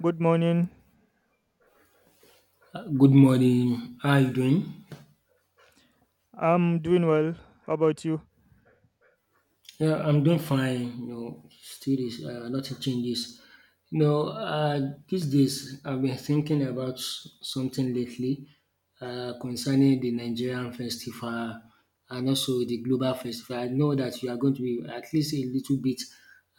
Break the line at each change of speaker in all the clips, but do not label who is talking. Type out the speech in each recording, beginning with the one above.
Good morning.
Good morning. How are you doing?
I'm doing well. How about you?
Yeah, I'm doing fine. You know, still is nothing changes. You know, these days I've been thinking about something lately concerning the Nigerian festival and also the global festival. I know that you are going to be at least a little bit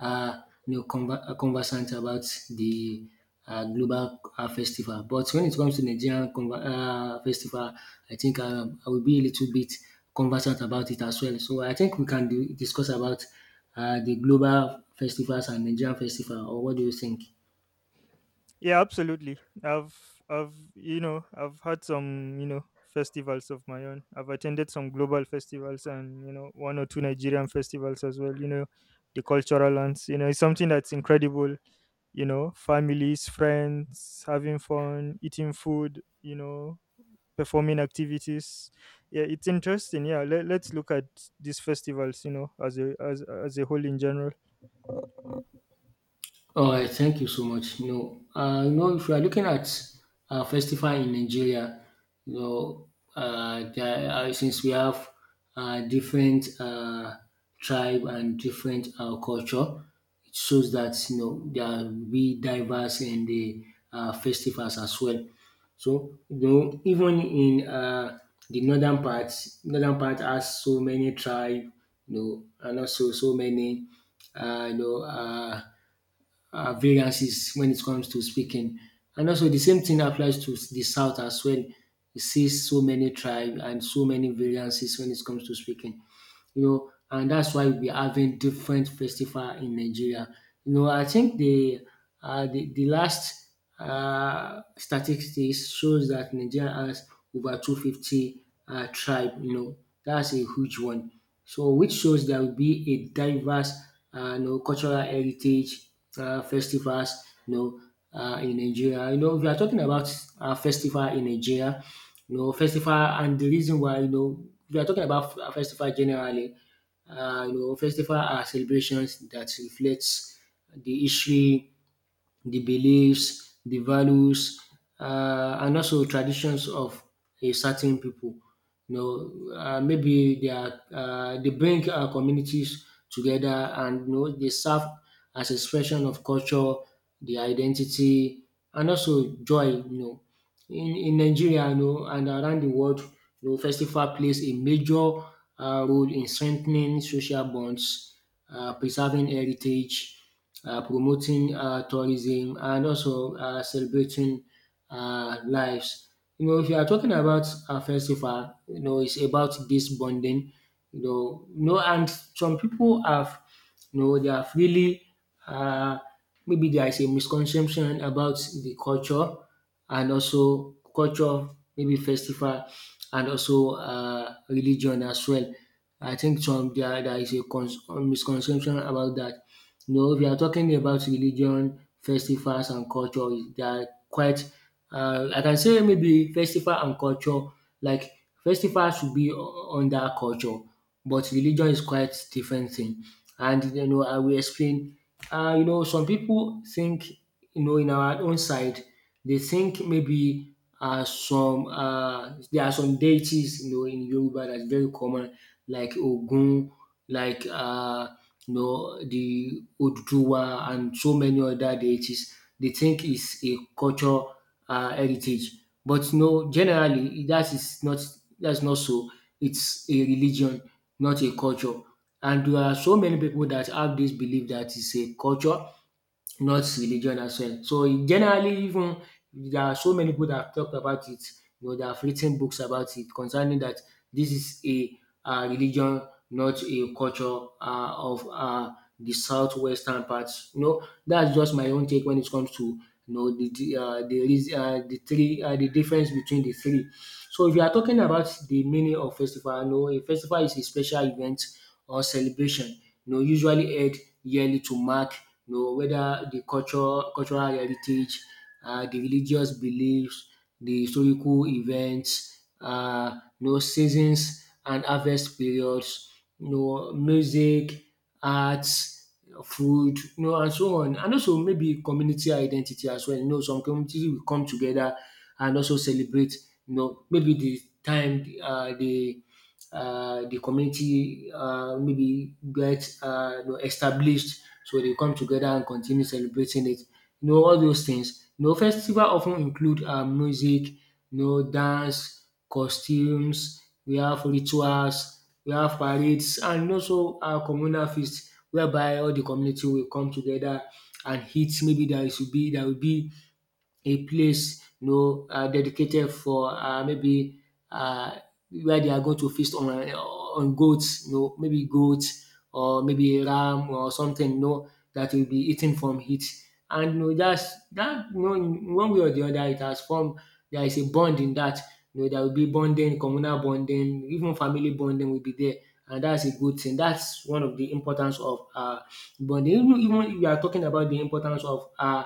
uh, you know, conversant about the global festival. But when it comes to Nigerian festival, I think I will be a little bit conversant about it as well. So I think we can do, discuss about the global festivals and Nigerian festival, or what do you think?
Yeah, absolutely. I've I've had some, festivals of my own. I've attended some global festivals and, you know, one or two Nigerian festivals as well, the cultural lands. You know, it's something that's incredible, you know, families, friends, having fun, eating food, performing activities. Yeah, it's interesting. Yeah, let's look at these festivals, as a as as a whole in general.
All right, thank you so much. You know, if you are looking at festival in Nigeria, you know, there, since we have different tribe and different culture, it shows that you know there will be diverse in the festivals as well. So you know, even in the northern part has so many tribe, you know, and also so many, you know. Variances when it comes to speaking. And also the same thing applies to the South as well. You see so many tribes and so many variances when it comes to speaking you know, and that's why we're having different festival in Nigeria. You know, I think the the last statistics shows that Nigeria has over 250 tribe. You know, that's a huge one. So, which shows there will be a diverse, you know, cultural heritage festivals. You know, in Nigeria. You know, we are talking about festival in Nigeria, you know, festival and the reason why, you know, we are talking about festival generally, you know, festival are celebrations that reflects the history the beliefs, the values, and also traditions of a certain people. You know, maybe they are they bring communities together, and you know they serve as expression of culture, the identity, and also joy. You know, in Nigeria, you know, and around the world, you know, festival plays a major role in strengthening social bonds, preserving heritage, promoting tourism, and also celebrating lives. You know, if you are talking about a festival, you know, it's about this bonding. You know, no, and some people have, you know, they have really uh, maybe there is a misconception about the culture and also culture, maybe festival and also religion as well. I think some there is a misconception about that. You know, if you are talking about religion, festivals and culture, they are quite I can say maybe festival and culture like festivals should be under culture but religion is quite different thing and you know I will explain. You know some people think you know, in our own side, they think maybe some there are some deities, you know, in Yoruba that's very common, like Ogun, like you know, the Oduduwa, and so many other deities. They think it's a culture heritage, but no, generally that is not that's not so. It's a religion, not a culture. And there are so many people that have this belief that it's a culture not religion as well. So generally even there are so many people that have talked about it, you know, that have written books about it concerning that this is a religion, not a culture of the southwestern parts. You know, that's just my own take when it comes to you know the three the difference between the three. So if you are talking about the meaning of festival, you know, a festival is a special event or celebration, you know, usually held yearly to mark you know whether de culture cultural heritage, de religious beliefs, de historical events, you know seasons and harvest periods, you know music, arts, food you know and so on. And also maybe community identity as well, you know some community will come together and also celebrate you know maybe de time de the community maybe get you know, established so they come together and continue celebrating it. You know, all those things. You know, festival often include music, you know, dance, costumes, we have rituals, we have parades, and also our communal feast whereby all the community will come together and eat. Maybe there will be a place you know dedicated for maybe um where they are going to feast on goats you know maybe goats or maybe ram or something you know that will be eaten from it. And you know that's that you know in one way or the other it has formed there is a bond in that. You know there will be bonding, communal bonding, even family bonding will be there and that's a good thing. That's one of the importance of bonding. Even even if you are talking about the importance of um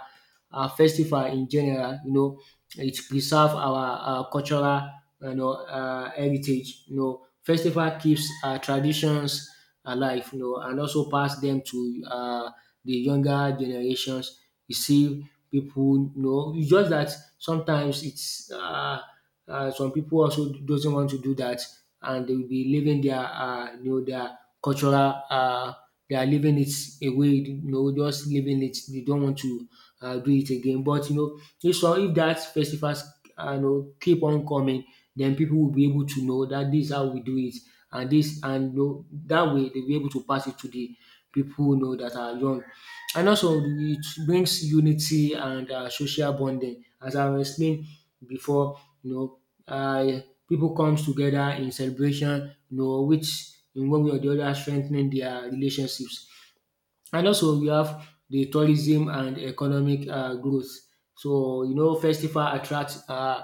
uh, festival in general. You know, it preserve our cultural you know heritage. You know, festival keeps traditions alive. You know, and also pass them to the younger generations. You see people. You know, it's just that sometimes it's. Some people also doesn't want to do that and they will be living their you know their cultural they are living it away you know just living it they don't want to do it again but you know if so if that festivals you know keep on coming then people will be able to know that this is how we do it and this and you know, that way they'll be able to pass it to the people you know that are young and also it brings unity and social bonding as I explained before you know, um pipu comes together in celebration you know which in one way or the other strengthening their relationships. And also we have the tourism and economic growth. So you know festival attracts uh,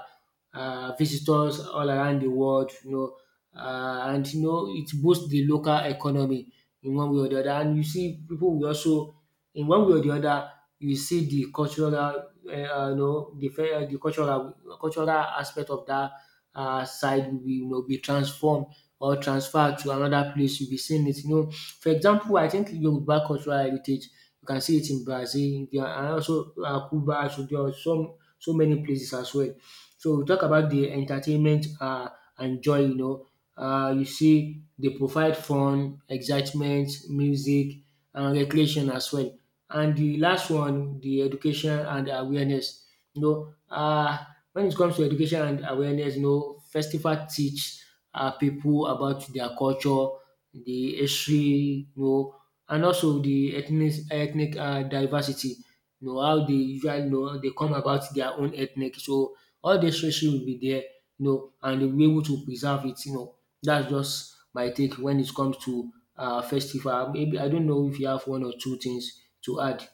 uh, visitors all around the world. You know and you know it boosts the local economy in one way or the other. And you see people will also in one way or the other you see the cultural you know the the cultural aspect of that side will be, you know, be transformed or transfer to another place, you'll be seeing it. You know, for example, I think Yoruba cultural heritage, you can see it in Brazil, India, and also Cuba. So there are some so many places as well. So we talk about the entertainment and joy. You know, you see they provide fun, excitement, music, and recreation as well. And the last one, the education and awareness. You know, when it comes to education and awareness, you know, festival teach pipu, about their culture, the history, you know, and also the ethnic diversity. You know how they usually you know they come about their own ethnic. So all these history will be there, you know, and they'll be able to preserve it, you know. That's just my take when it comes to festival. Maybe I don't know if you have one or two things to add.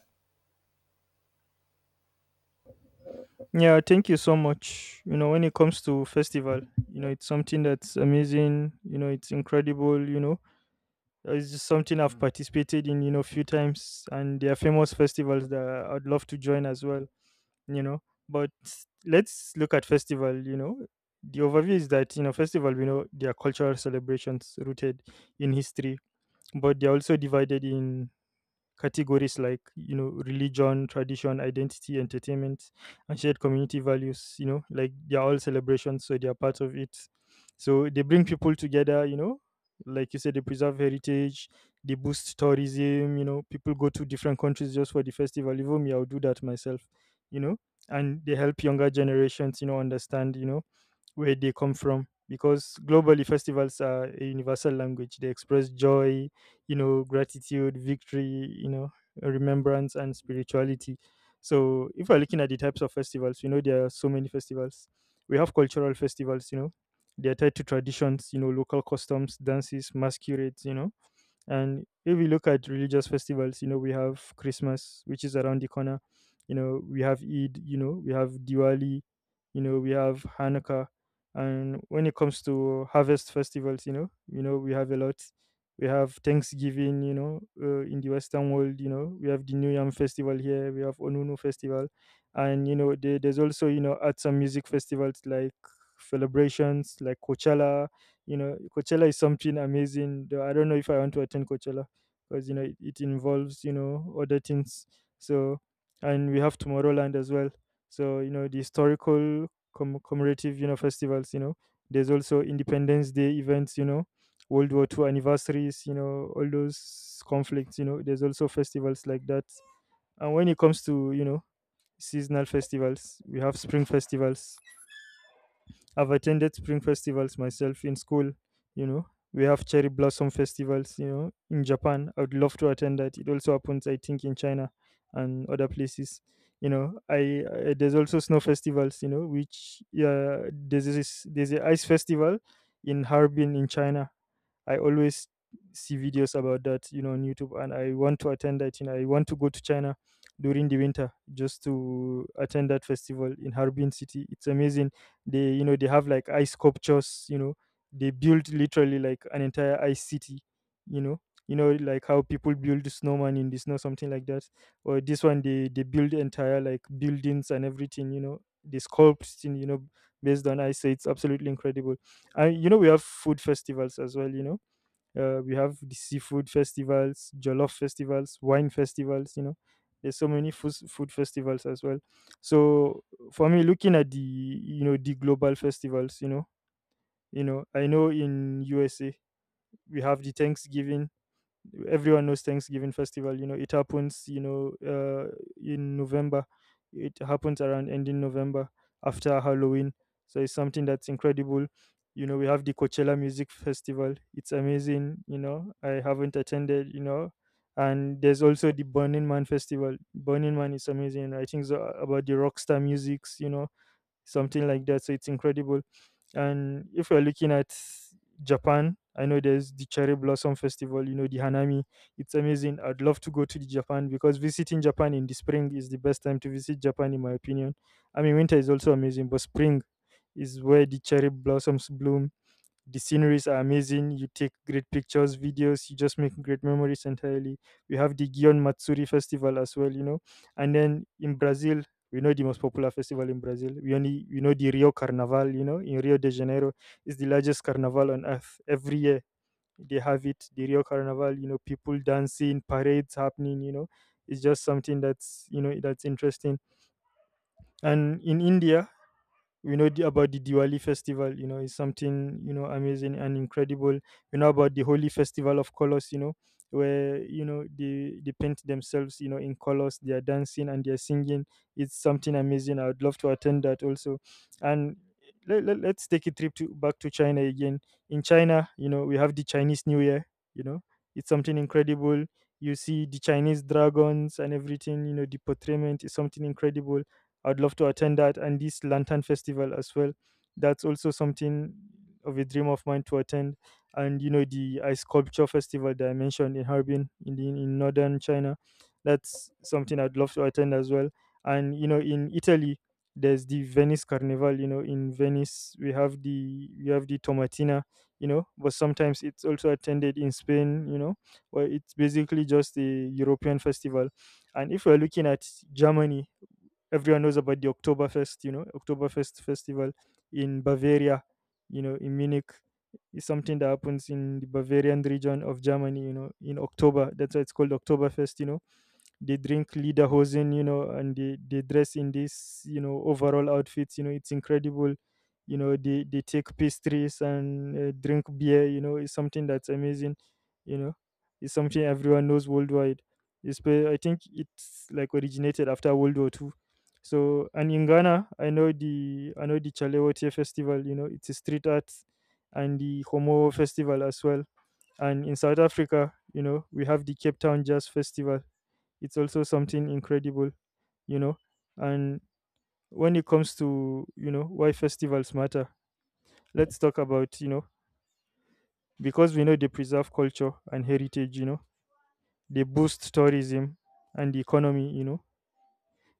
Yeah, thank you so much. You know, when it comes to festival, you know, it's something that's amazing, you know, it's incredible. It's just something I've participated in, few times, and there are famous festivals that I'd love to join as well, you know. But let's look at festival. The overview is that, you know, festival, we know, they are cultural celebrations rooted in history, but they're also divided in categories like religion, tradition, identity, entertainment, and shared community values. Like they're all celebrations, so they're part of it. So they bring people together. Like you said, they preserve heritage, they boost tourism. People go to different countries just for the festival. Even me, I'll do that myself you know and they help younger generations understand where they come from, because globally festivals are a universal language. They express joy, you know, gratitude, victory, you know, remembrance, and spirituality. So, if we're looking at the types of festivals, you know, there are so many festivals. We have cultural festivals; you know, they are tied to traditions, you know, local customs, dances, masquerades. And if we look at religious festivals, you know, we have Christmas, which is around the corner. You know, we have Eid, you know, we have Diwali, you know, we have Hanukkah. And when it comes to harvest festivals, you know, we have a lot. We have Thanksgiving, you know, in the Western world, you know, we have the New Yam festival here, we have Onunu festival. And you know, there, there's also you know, arts and music festivals, like celebrations like Coachella. You know coachella is something amazing, though I don't know if I want to attend Coachella, because you know it involves you know other things. So and we have Tomorrowland as well. So you know the historical commemorative you know festivals you know there's also Independence Day events, you know World War II anniversaries, you know all those conflicts. You know there's also festivals like that. And when it comes to you know seasonal festivals, we have spring festivals. I've attended spring festivals myself in school. You know, we have cherry blossom festivals. You know, in Japan, I would love to attend that. It also happens, I think, in China and other places. You know, I There's also snow festivals. You know, which There's this there's a ice festival in Harbin in China. I always see videos about that you know, on YouTube, and I want to attend that. You know, I want to go to China during the winter just to attend that festival in Harbin City. It's amazing. They you know, they have like ice sculptures. You know, they build literally like an entire ice city. You know, you know, like how people build snowman in the snow, something like that. Or this one, they build entire like buildings and everything. You know, they sculpt in, you know, based on ice. So it's absolutely incredible. And you know, we have food festivals as well. You know We have the seafood festivals, jollof festivals, wine festivals. You know, there's so many food festivals as well. So for me, looking at the you know the global festivals, you know, I know in USA we have the Thanksgiving. Everyone knows Thanksgiving festival. You know, it happens You know, in November, it happens around ending November, after Halloween. So it's something that's incredible. You know, we have the Coachella Music Festival. It's amazing. You know, I haven't attended. You know, and there's also the Burning Man Festival. Burning Man is amazing. I think so, about the rockstar musics. You know, something like that. So it's incredible. And if you're looking at Japan, I know there's the Cherry Blossom Festival, you know, the Hanami. It's amazing. I'd love to go to the Japan, because visiting Japan in the spring is the best time to visit Japan, in my opinion. I mean, winter is also amazing, but spring is where the cherry blossoms bloom. The sceneries are amazing, you take great pictures, videos, you just make great memories entirely. We have the Gion Matsuri festival as well. You know and then in Brazil, we know the most popular festival in Brazil. We know the Rio Carnaval, you know in Rio de Janeiro. It's the largest carnival on earth. Every year they have it, the Rio Carnaval. You know people dancing, parades happening. You know it's just something that's you know that's interesting. And in India, we know about the Diwali festival. You know, is something you know, amazing and incredible. We know about the Holy Festival of Colors, you know, where you know, they paint themselves you know, in colors, they are dancing and they are singing. It's something amazing. I would love to attend that also. And let's take a trip to back to China again. In China, you know, we have the Chinese New Year. You know, it's something incredible. You see the Chinese dragons and everything. You know, the portrayment is something incredible. I'd love to attend that, and this Lantern Festival as well. That's also something of a dream of mine to attend. And you know the ice sculpture festival that I mentioned in Harbin, in in northern China — that's something I'd love to attend as well. And you know in Italy, there's the Venice Carnival. You know in Venice we have the Tomatina. You know, but sometimes it's also attended in Spain, You know, where it's basically just a European festival. And if we're looking at Germany, everyone knows about the Oktoberfest, you know, Oktoberfest festival in Bavaria, you know, in Munich. It's something that happens in the Bavarian region of Germany, you know, in October. That's why it's called Oktoberfest. You know they drink lederhosen, you know and they dress in this you know overall outfits. You know it's incredible. You know They take pastries and drink beer. You know it's something that's amazing. You know it's something everyone knows worldwide. I think it's like originated after World War II. So and in Ghana, I know the, I know the Chalewote festival. You know it's a street art, and the Homo festival as well. And in South Africa, you know we have the Cape Town Jazz Festival. It's also something incredible. You know and when it comes to you know why festivals matter, let's talk about you know because we know they preserve culture and heritage, you know they boost tourism and the economy, you know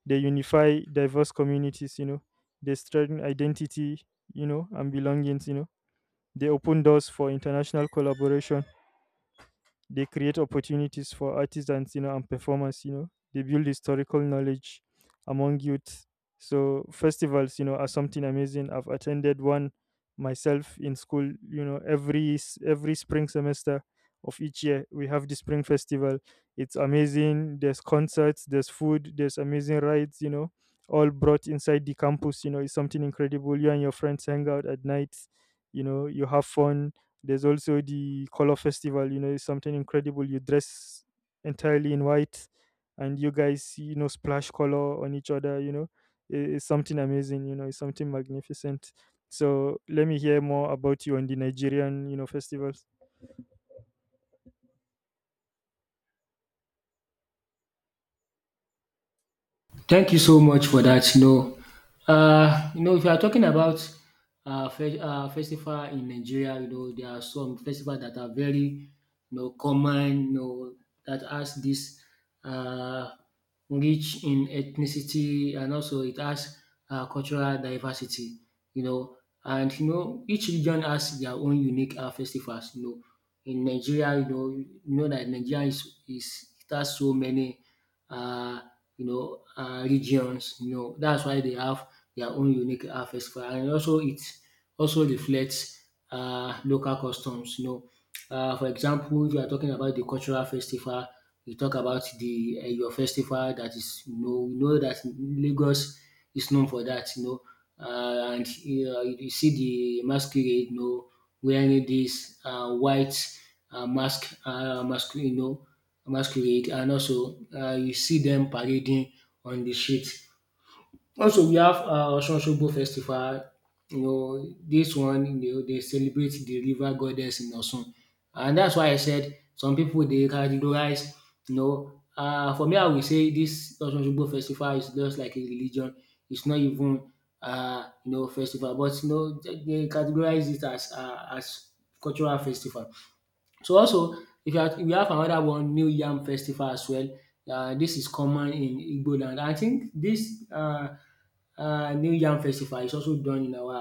they unify diverse communities, you know they strengthen identity you know and belongings, you know they open doors for international collaboration. They create opportunities for artisans you know, and performers. You know. They build historical knowledge among youth. So festivals you know, are something amazing. I've attended one myself in school. You know, every every spring semester of each year we have the spring festival. It's amazing. There's concerts, there's food, there's amazing rides, you know, all brought inside the campus. You know, it's something incredible. You and your friends hang out at night, you know, you have fun. There's also the color festival. You know, it's something incredible. You dress entirely in white, and you guys you know, splash color on each other. You know. It's something amazing, you know, it's something magnificent. So let me hear more about you on the Nigerian you know, festivals.
Thank you so much for that. You know, if you are talking about festival in Nigeria, you know, there are some festivals that are very, you know, common, you know, that has this uh, rich in ethnicity and also it has cultural diversity, you know, and you know, each region has their own unique festivals. You know, in Nigeria, you know that Nigeria is it has so many. Uh, you know, regions, you know. That's why they have their own unique festival and also it also reflects local customs, you know. For example, if you are talking about the cultural festival, you talk about the your festival that is you know, we know that Lagos is known for that, you know. Um and You see de masquerade you know wearing dis white mask masquerade you know masquerade and also you see dem parading on de street. Also we have Osun-Osogbo festival, you know dis one you know dey celebrate de river goddess in Osun and dats why I said some pipu dey categorize you know for me I will say dis Osun-Osogbo festival is just like a religion, is not even you know festival but you know dey categorize it as cultural festival. So also if you are we have another one new yam festival as well. Dis is common in Igbo land. I think this new yam festival is also done in our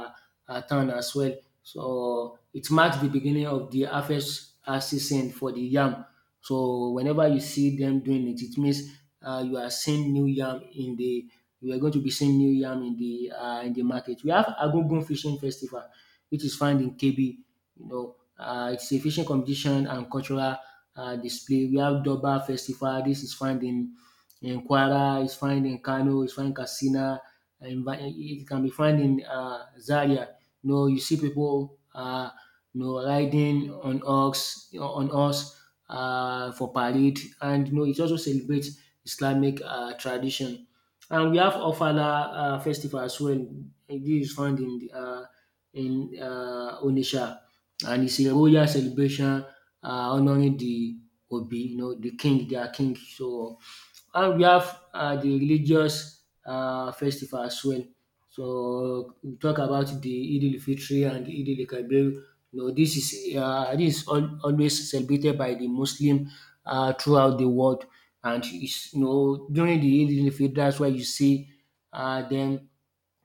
town as well. So it marks the beginning of the harvest season for the yam. So whenever you see them doing it, it means you are seeing new yam in the. You are going to be seeing new yam in the in the market. We have Agungun fishing festival which is found in Kebbi. You know, it's a fishing competition and cultural display. We have Durbar Festival. This is found in Kwara. It's found in Kano. It's found in Katsina. And it can be found in Zaria. You know, you see people riding on ox on horse for parade, and you know it also celebrates Islamic tradition. And we have Ofala festival as well. And This is found in Onitsha, and it's a royal celebration um honouring the Obi, you know, the king, their king. So and we have the religious festival as well. So we talk about the eid al fitr and eid al kabir. You know, this is always celebrated by the Muslim throughout the world, and it's, you know, during the eid al fitr, that's why you see them,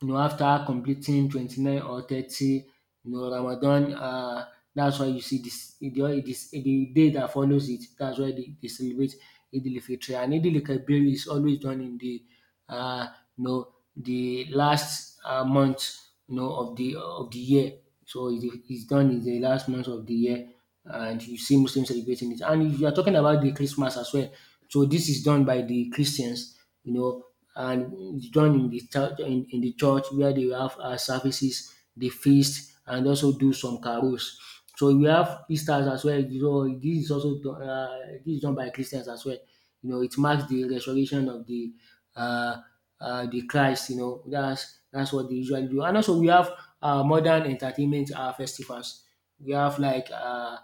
you know, after completing 29 or 30, you know, Ramadan. That's why you see all this the day that follows it. That's why they celebrate Eid al Fitr. And Eid al Kabir is always done in the uh, you know the last month, you know, of the year. So it's done in the last month of the year, and you see Muslims celebrating it. And if you are talking about the Christmas as well, so this is done by the Christians, you know, and join in the church in the church where they will have services, the feast, and also do some carols. So we have Easter as well. So this is also done, this is done by Christians as well. You know, it marks the resurrection of uh, the Christ. You know, that's what they usually do. And also we have modern entertainment festivals. We have like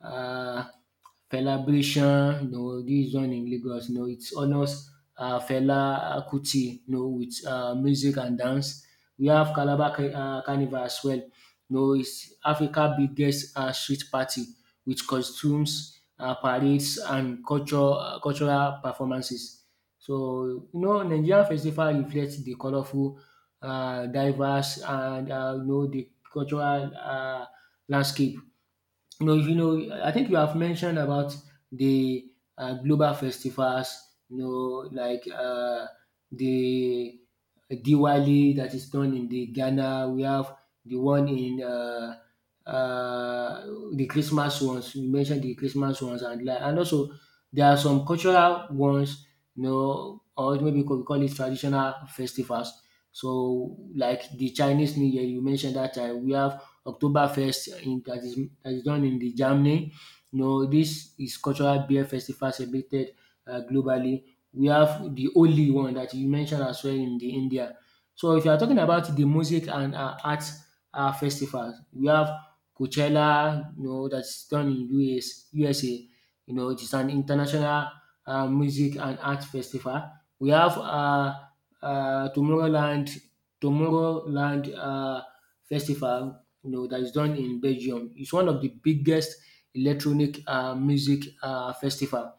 uh, Fela Bration, you know, this one in Lagos, you know, it honors Fela Kuti, you know, with music and dance. We have Carnival as well. You know, it's Africa's biggest street party with costumes, parades, and cultural performances. So, you know, Nigerian festival reflects the colorful, diverse, and you know the cultural landscape. You know, I think you have mentioned about the global festivals, you know, like the Diwali that is done in the Ghana. We have the one in uh, the Christmas ones. You mentioned the Christmas ones, and and also there are some cultural ones, you know, or maybe we could call it traditional festivals. So, like the Chinese New Year, you mentioned that time. We have Oktoberfest in that is done in the Germany. You know, this is cultural beer festival celebrated globally. We have the only one that you mentioned as well in the India. So if you are talking about the music and art festivals, we have Coachella, you know, that's done in US USA. You know, it is an international music and art festival. We have uh, Tomorrowland, Tomorrowland festival, you know, that is done in Belgium. It's one of the biggest electronic music festival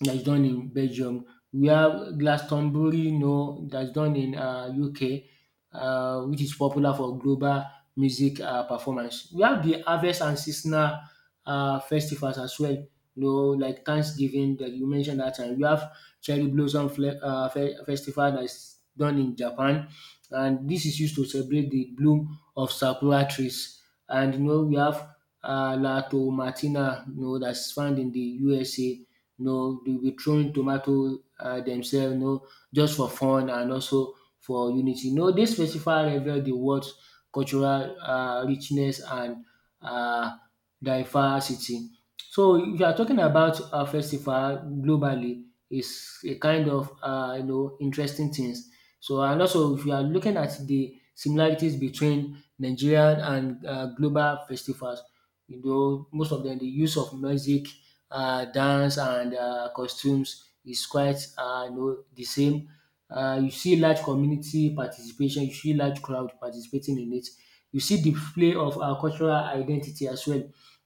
that's done in Belgium. We have Glastonbury, you know, that's done in UK, which is popular for global music performance. We have the harvest and seasonal festivals as well, you know, like Thanksgiving that you mentioned that time. We have Cherry Blossom Fle- Fe- Festival that's done in Japan, and this is used to celebrate the bloom of sakura trees. And you know, we have La Tomatina, you know, that's found in the USA. No, they'll be throwing tomato themselves. No, just for fun and also for unity. No, this festival reveal the world's cultural richness and uh, diversity. So if you are talking about a festival globally, it's a kind of you know interesting things. So and also if you are looking at the similarities between Nigerian and global festivals, you know most of them the use of music, dance, and costumes is quite you know, the same. You see large community participation, you see large crowd participating in it. You see display of our cultural identity as well.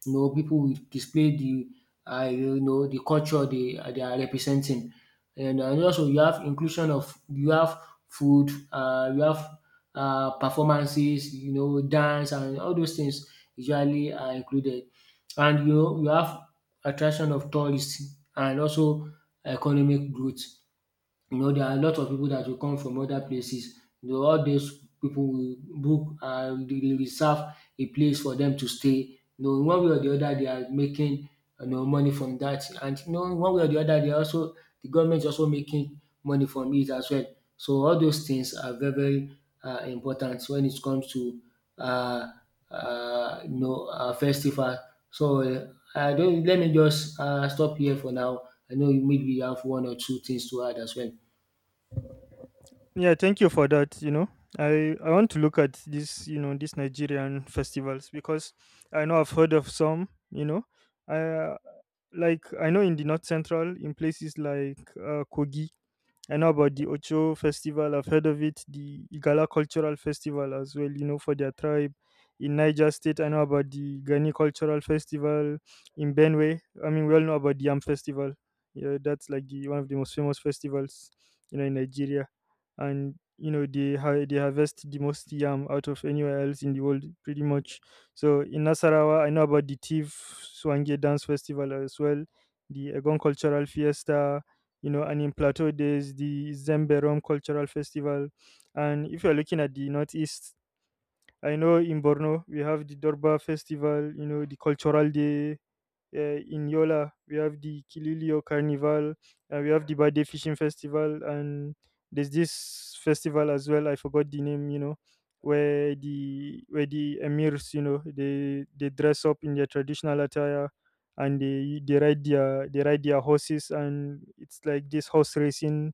You know, people will display the you know the culture they are representing, and also you have inclusion of you have food, you have performances, you know, dance and all those things usually are included, and you know you have attraction of tourists and also economic growth. You know, there are a lot of people that will come from other places. You know, all dis people will book and dey reserve a place for them to stay. You know, in one way or the other, they are making you know money from that. And you know in one way or the other, they are also the government is also making money from it as well. So all those things are very very important when it comes to uh you know festival. So I don't, let me just stop here for now. I know you maybe you have one or two things to add as well.
Yeah, thank you for that. You know, I want to look at this, you know, these Nigerian festivals, because I know I've heard of some. You know, I Like I know in the north central, in places like Kogi, I know about the Ocho festival. I've heard of it. The Igala cultural festival as well, you know, for their tribe. In Niger State, I know about the Gani cultural festival. In Benue, I mean, we all know about the Yam festival. Yeah, that's like the one of the most famous festivals you know, in Nigeria. And you know, they harvest the most yam out of anywhere else in the world, pretty much. So in Nasarawa, I know about the Tiv Swange dance festival as well, the Egon cultural fiesta, and in Plateau, there's the Zemberom Cultural Festival. And if you're looking at the Northeast, I know in Borno, we have the Dorba Festival, the Cultural Day, in Yola. We have the Kililio Carnival, and we have the Bade Fishing Festival, and there's this festival as well. I forgot the name, where the emirs, they dress up in their traditional attire, and they ride their horses, and it's like this horse racing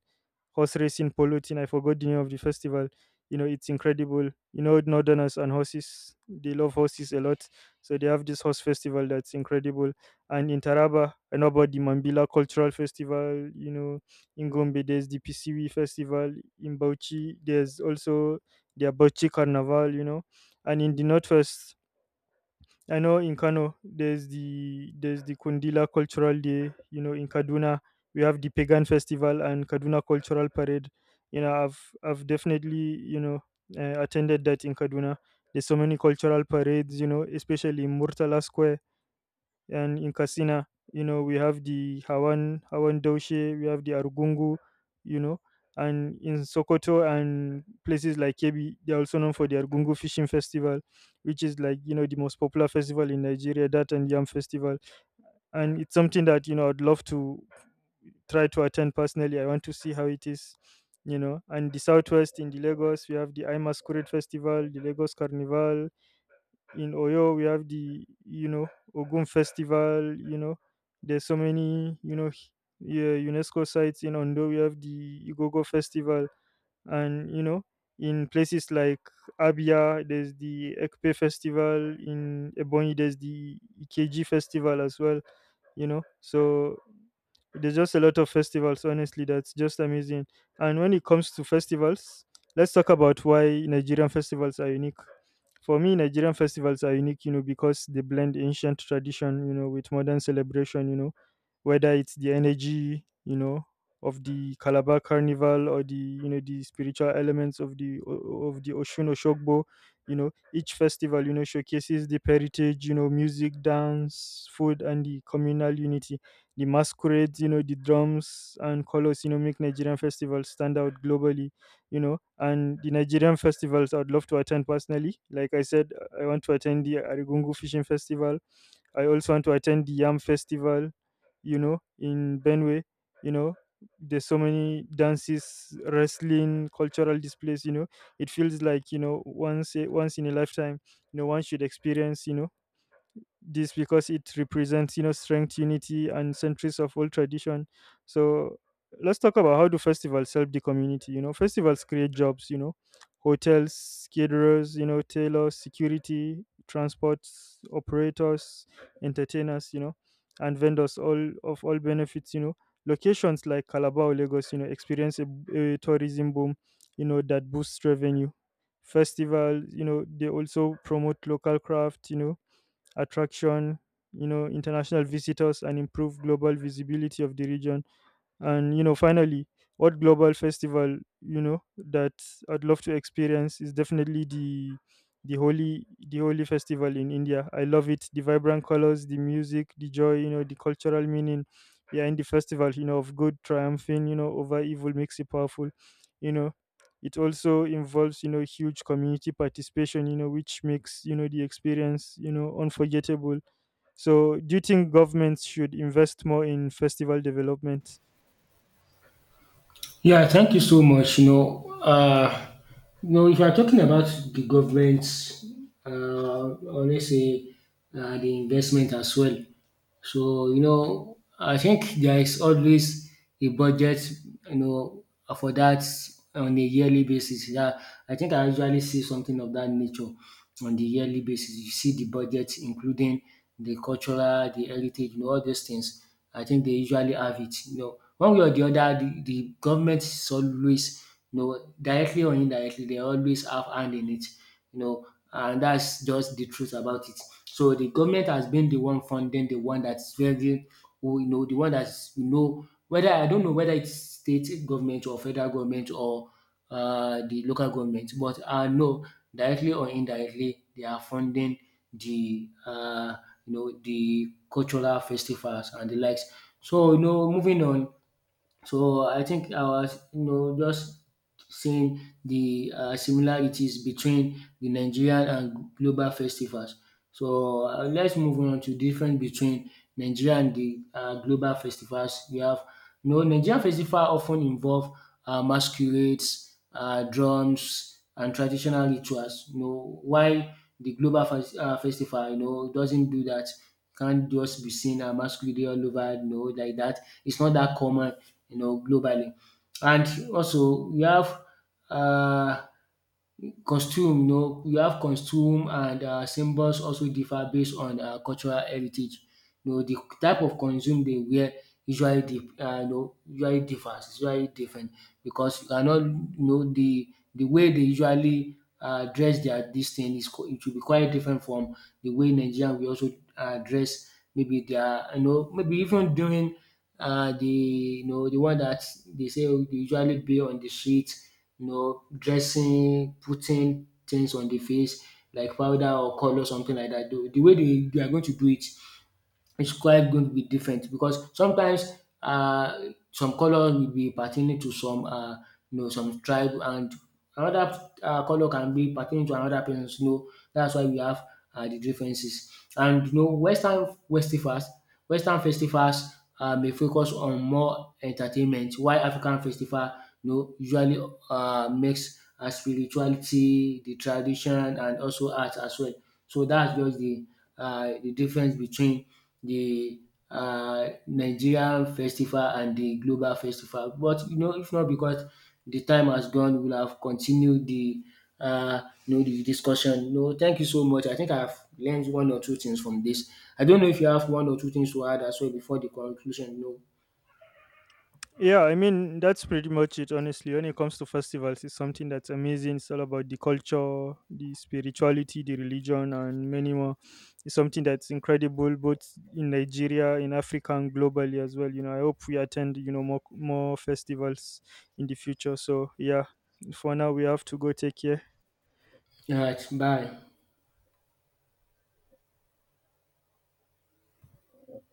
horse racing, polo thing. I forgot the name of the festival. It's incredible. Northerners and horses, they love horses a lot. So they have this horse festival that's incredible. And in Taraba, I know about the Mambila Cultural Festival. In Gombe, there's the PCW Festival. In Bauchi, there's also the Bauchi Carnival. And in the Northwest, I know in Kano there's the Kundila Cultural Day. In Kaduna we have the Pagan Festival and Kaduna Cultural Parade. I've definitely attended that in Kaduna. There's so many cultural parades. Especially in Murtala Square and in Katsina, we have the Hawan Hawan Daushe, we have the Argungu, you know, and in Sokoto and places like Kebi, they're also known for the Argungu Fishing Festival, which is like the most popular festival in Nigeria, that and Yam Festival, and it's something that I'd love to try to attend personally. I want to see how it is. And the southwest in the Lagos, we have the I Masquerade Festival, the Lagos Carnival, in Oyo we have the Ogun Festival. There's so many yeah, UNESCO sites in Ondo. We have the Igogo Festival, and in places like Abia there's the Ekpe Festival. In Ebonyi there's the Ikeji Festival as well. So there's just a lot of festivals, honestly, that's just amazing. And when it comes to festivals, let's talk about why Nigerian festivals are unique. For me, Nigerian festivals are unique, because they blend ancient tradition, with modern celebration, whether it's the energy, of the Calabar Carnival or the spiritual elements of the Oshun Oshogbo. Each festival, showcases the heritage, music, dance, food, and the communal unity, the masquerades, the drums and colors, make Nigerian festivals stand out globally. And the Nigerian festivals I'd love to attend personally. Like I said, I want to attend the Arigungu Fishing Festival. I also want to attend the Yam Festival, in Benue, you know. There's so many dances, wrestling, cultural displays. It feels like, once in a lifetime, one should experience this, because it represents strength, unity, and centuries of old tradition. So let's talk about how do festivals help the community. Festivals create jobs: hotels, caterers, tailors, security, transports, operators, entertainers, and vendors, all benefits. Locations like Calabar or Lagos experience a tourism boom that boosts revenue. Festivals they also promote local craft, attraction, international visitors, and improve global visibility of the region. And finally, what global festival you know that I'd love to experience is definitely the holy festival in India. I love it. The vibrant colors, the music, the joy, the cultural meaning behind the festival, of good triumphing, over evil makes it powerful. You know, it also involves huge community participation, which makes the experience unforgettable. So do you think governments should invest more in festival development?
Yeah, thank you so much. You know, if you're talking about the government, or let's say the investment as well. So you know, I think there is always a budget. You know, for that on a yearly basis. Yeah, I think I usually see something of that nature on the yearly basis. You see the budget, including the cultural, the heritage, you know, all these things. I think they usually have it. You know, one way or the other, the government is always, you know, directly or indirectly, they always have hand in it. You know, and that's just the truth about it. So the government has been the one funding, the one that's very, who, you know, the one that's you know whether I don't know whether it's state government or federal government or the local government, but I know directly or indirectly they are funding the you know the cultural festivals and the likes. So, you know, moving on, so I think I was, you know, just seeing the similarities between the Nigerian and global festivals. So let's move on to different between Nigeria and the global festivals. We have, you know, Nigerian festival often involve masquerades, drums, and traditional rituals. You know, while the festival, you know, doesn't do that. Can't just be seen masquerade all over, you know, like that. It's not that common, you know, globally. And also we have uh, costume, you know, we have costume and symbols also differ based on cultural heritage. You know, the type of costume they wear usually dif you know usually differs, is usually different because you cannot you know the way they usually dress their dis thing is co- it will be quite different from the way Nigerian we also dress, maybe they are, you know maybe even during the you know the one that they say they usually be on the street, you know, dressing, putting things on the face like powder or color, something like that. The way they are going to do it, it's quite going to be different because sometimes some color will be pertaining to some you know some tribe, and another color can be pertaining to another person. You know that's why we have the differences. And you know festivals, Western festivals may focus on more entertainment, while African festival you know usually makes spirituality, the tradition, and also art as well. So that's just the difference between the Nigerian festival and the global festival, but you know if not because the time has gone we will have continued the you know the discussion. No, thank you so much, I think I have learned one or two things from this. I don't know if you have one or two things to add as well before the conclusion? No.
Yeah, I mean that's pretty much it. Honestly, when it comes to festivals, it's something that's amazing. It's all about the culture, the spirituality, the religion, and many more. It's something that's incredible, both in Nigeria, in Africa, and globally as well. You know, I hope we attend more festivals in the future. So yeah, for now we have to go. Take care.
Alright, bye.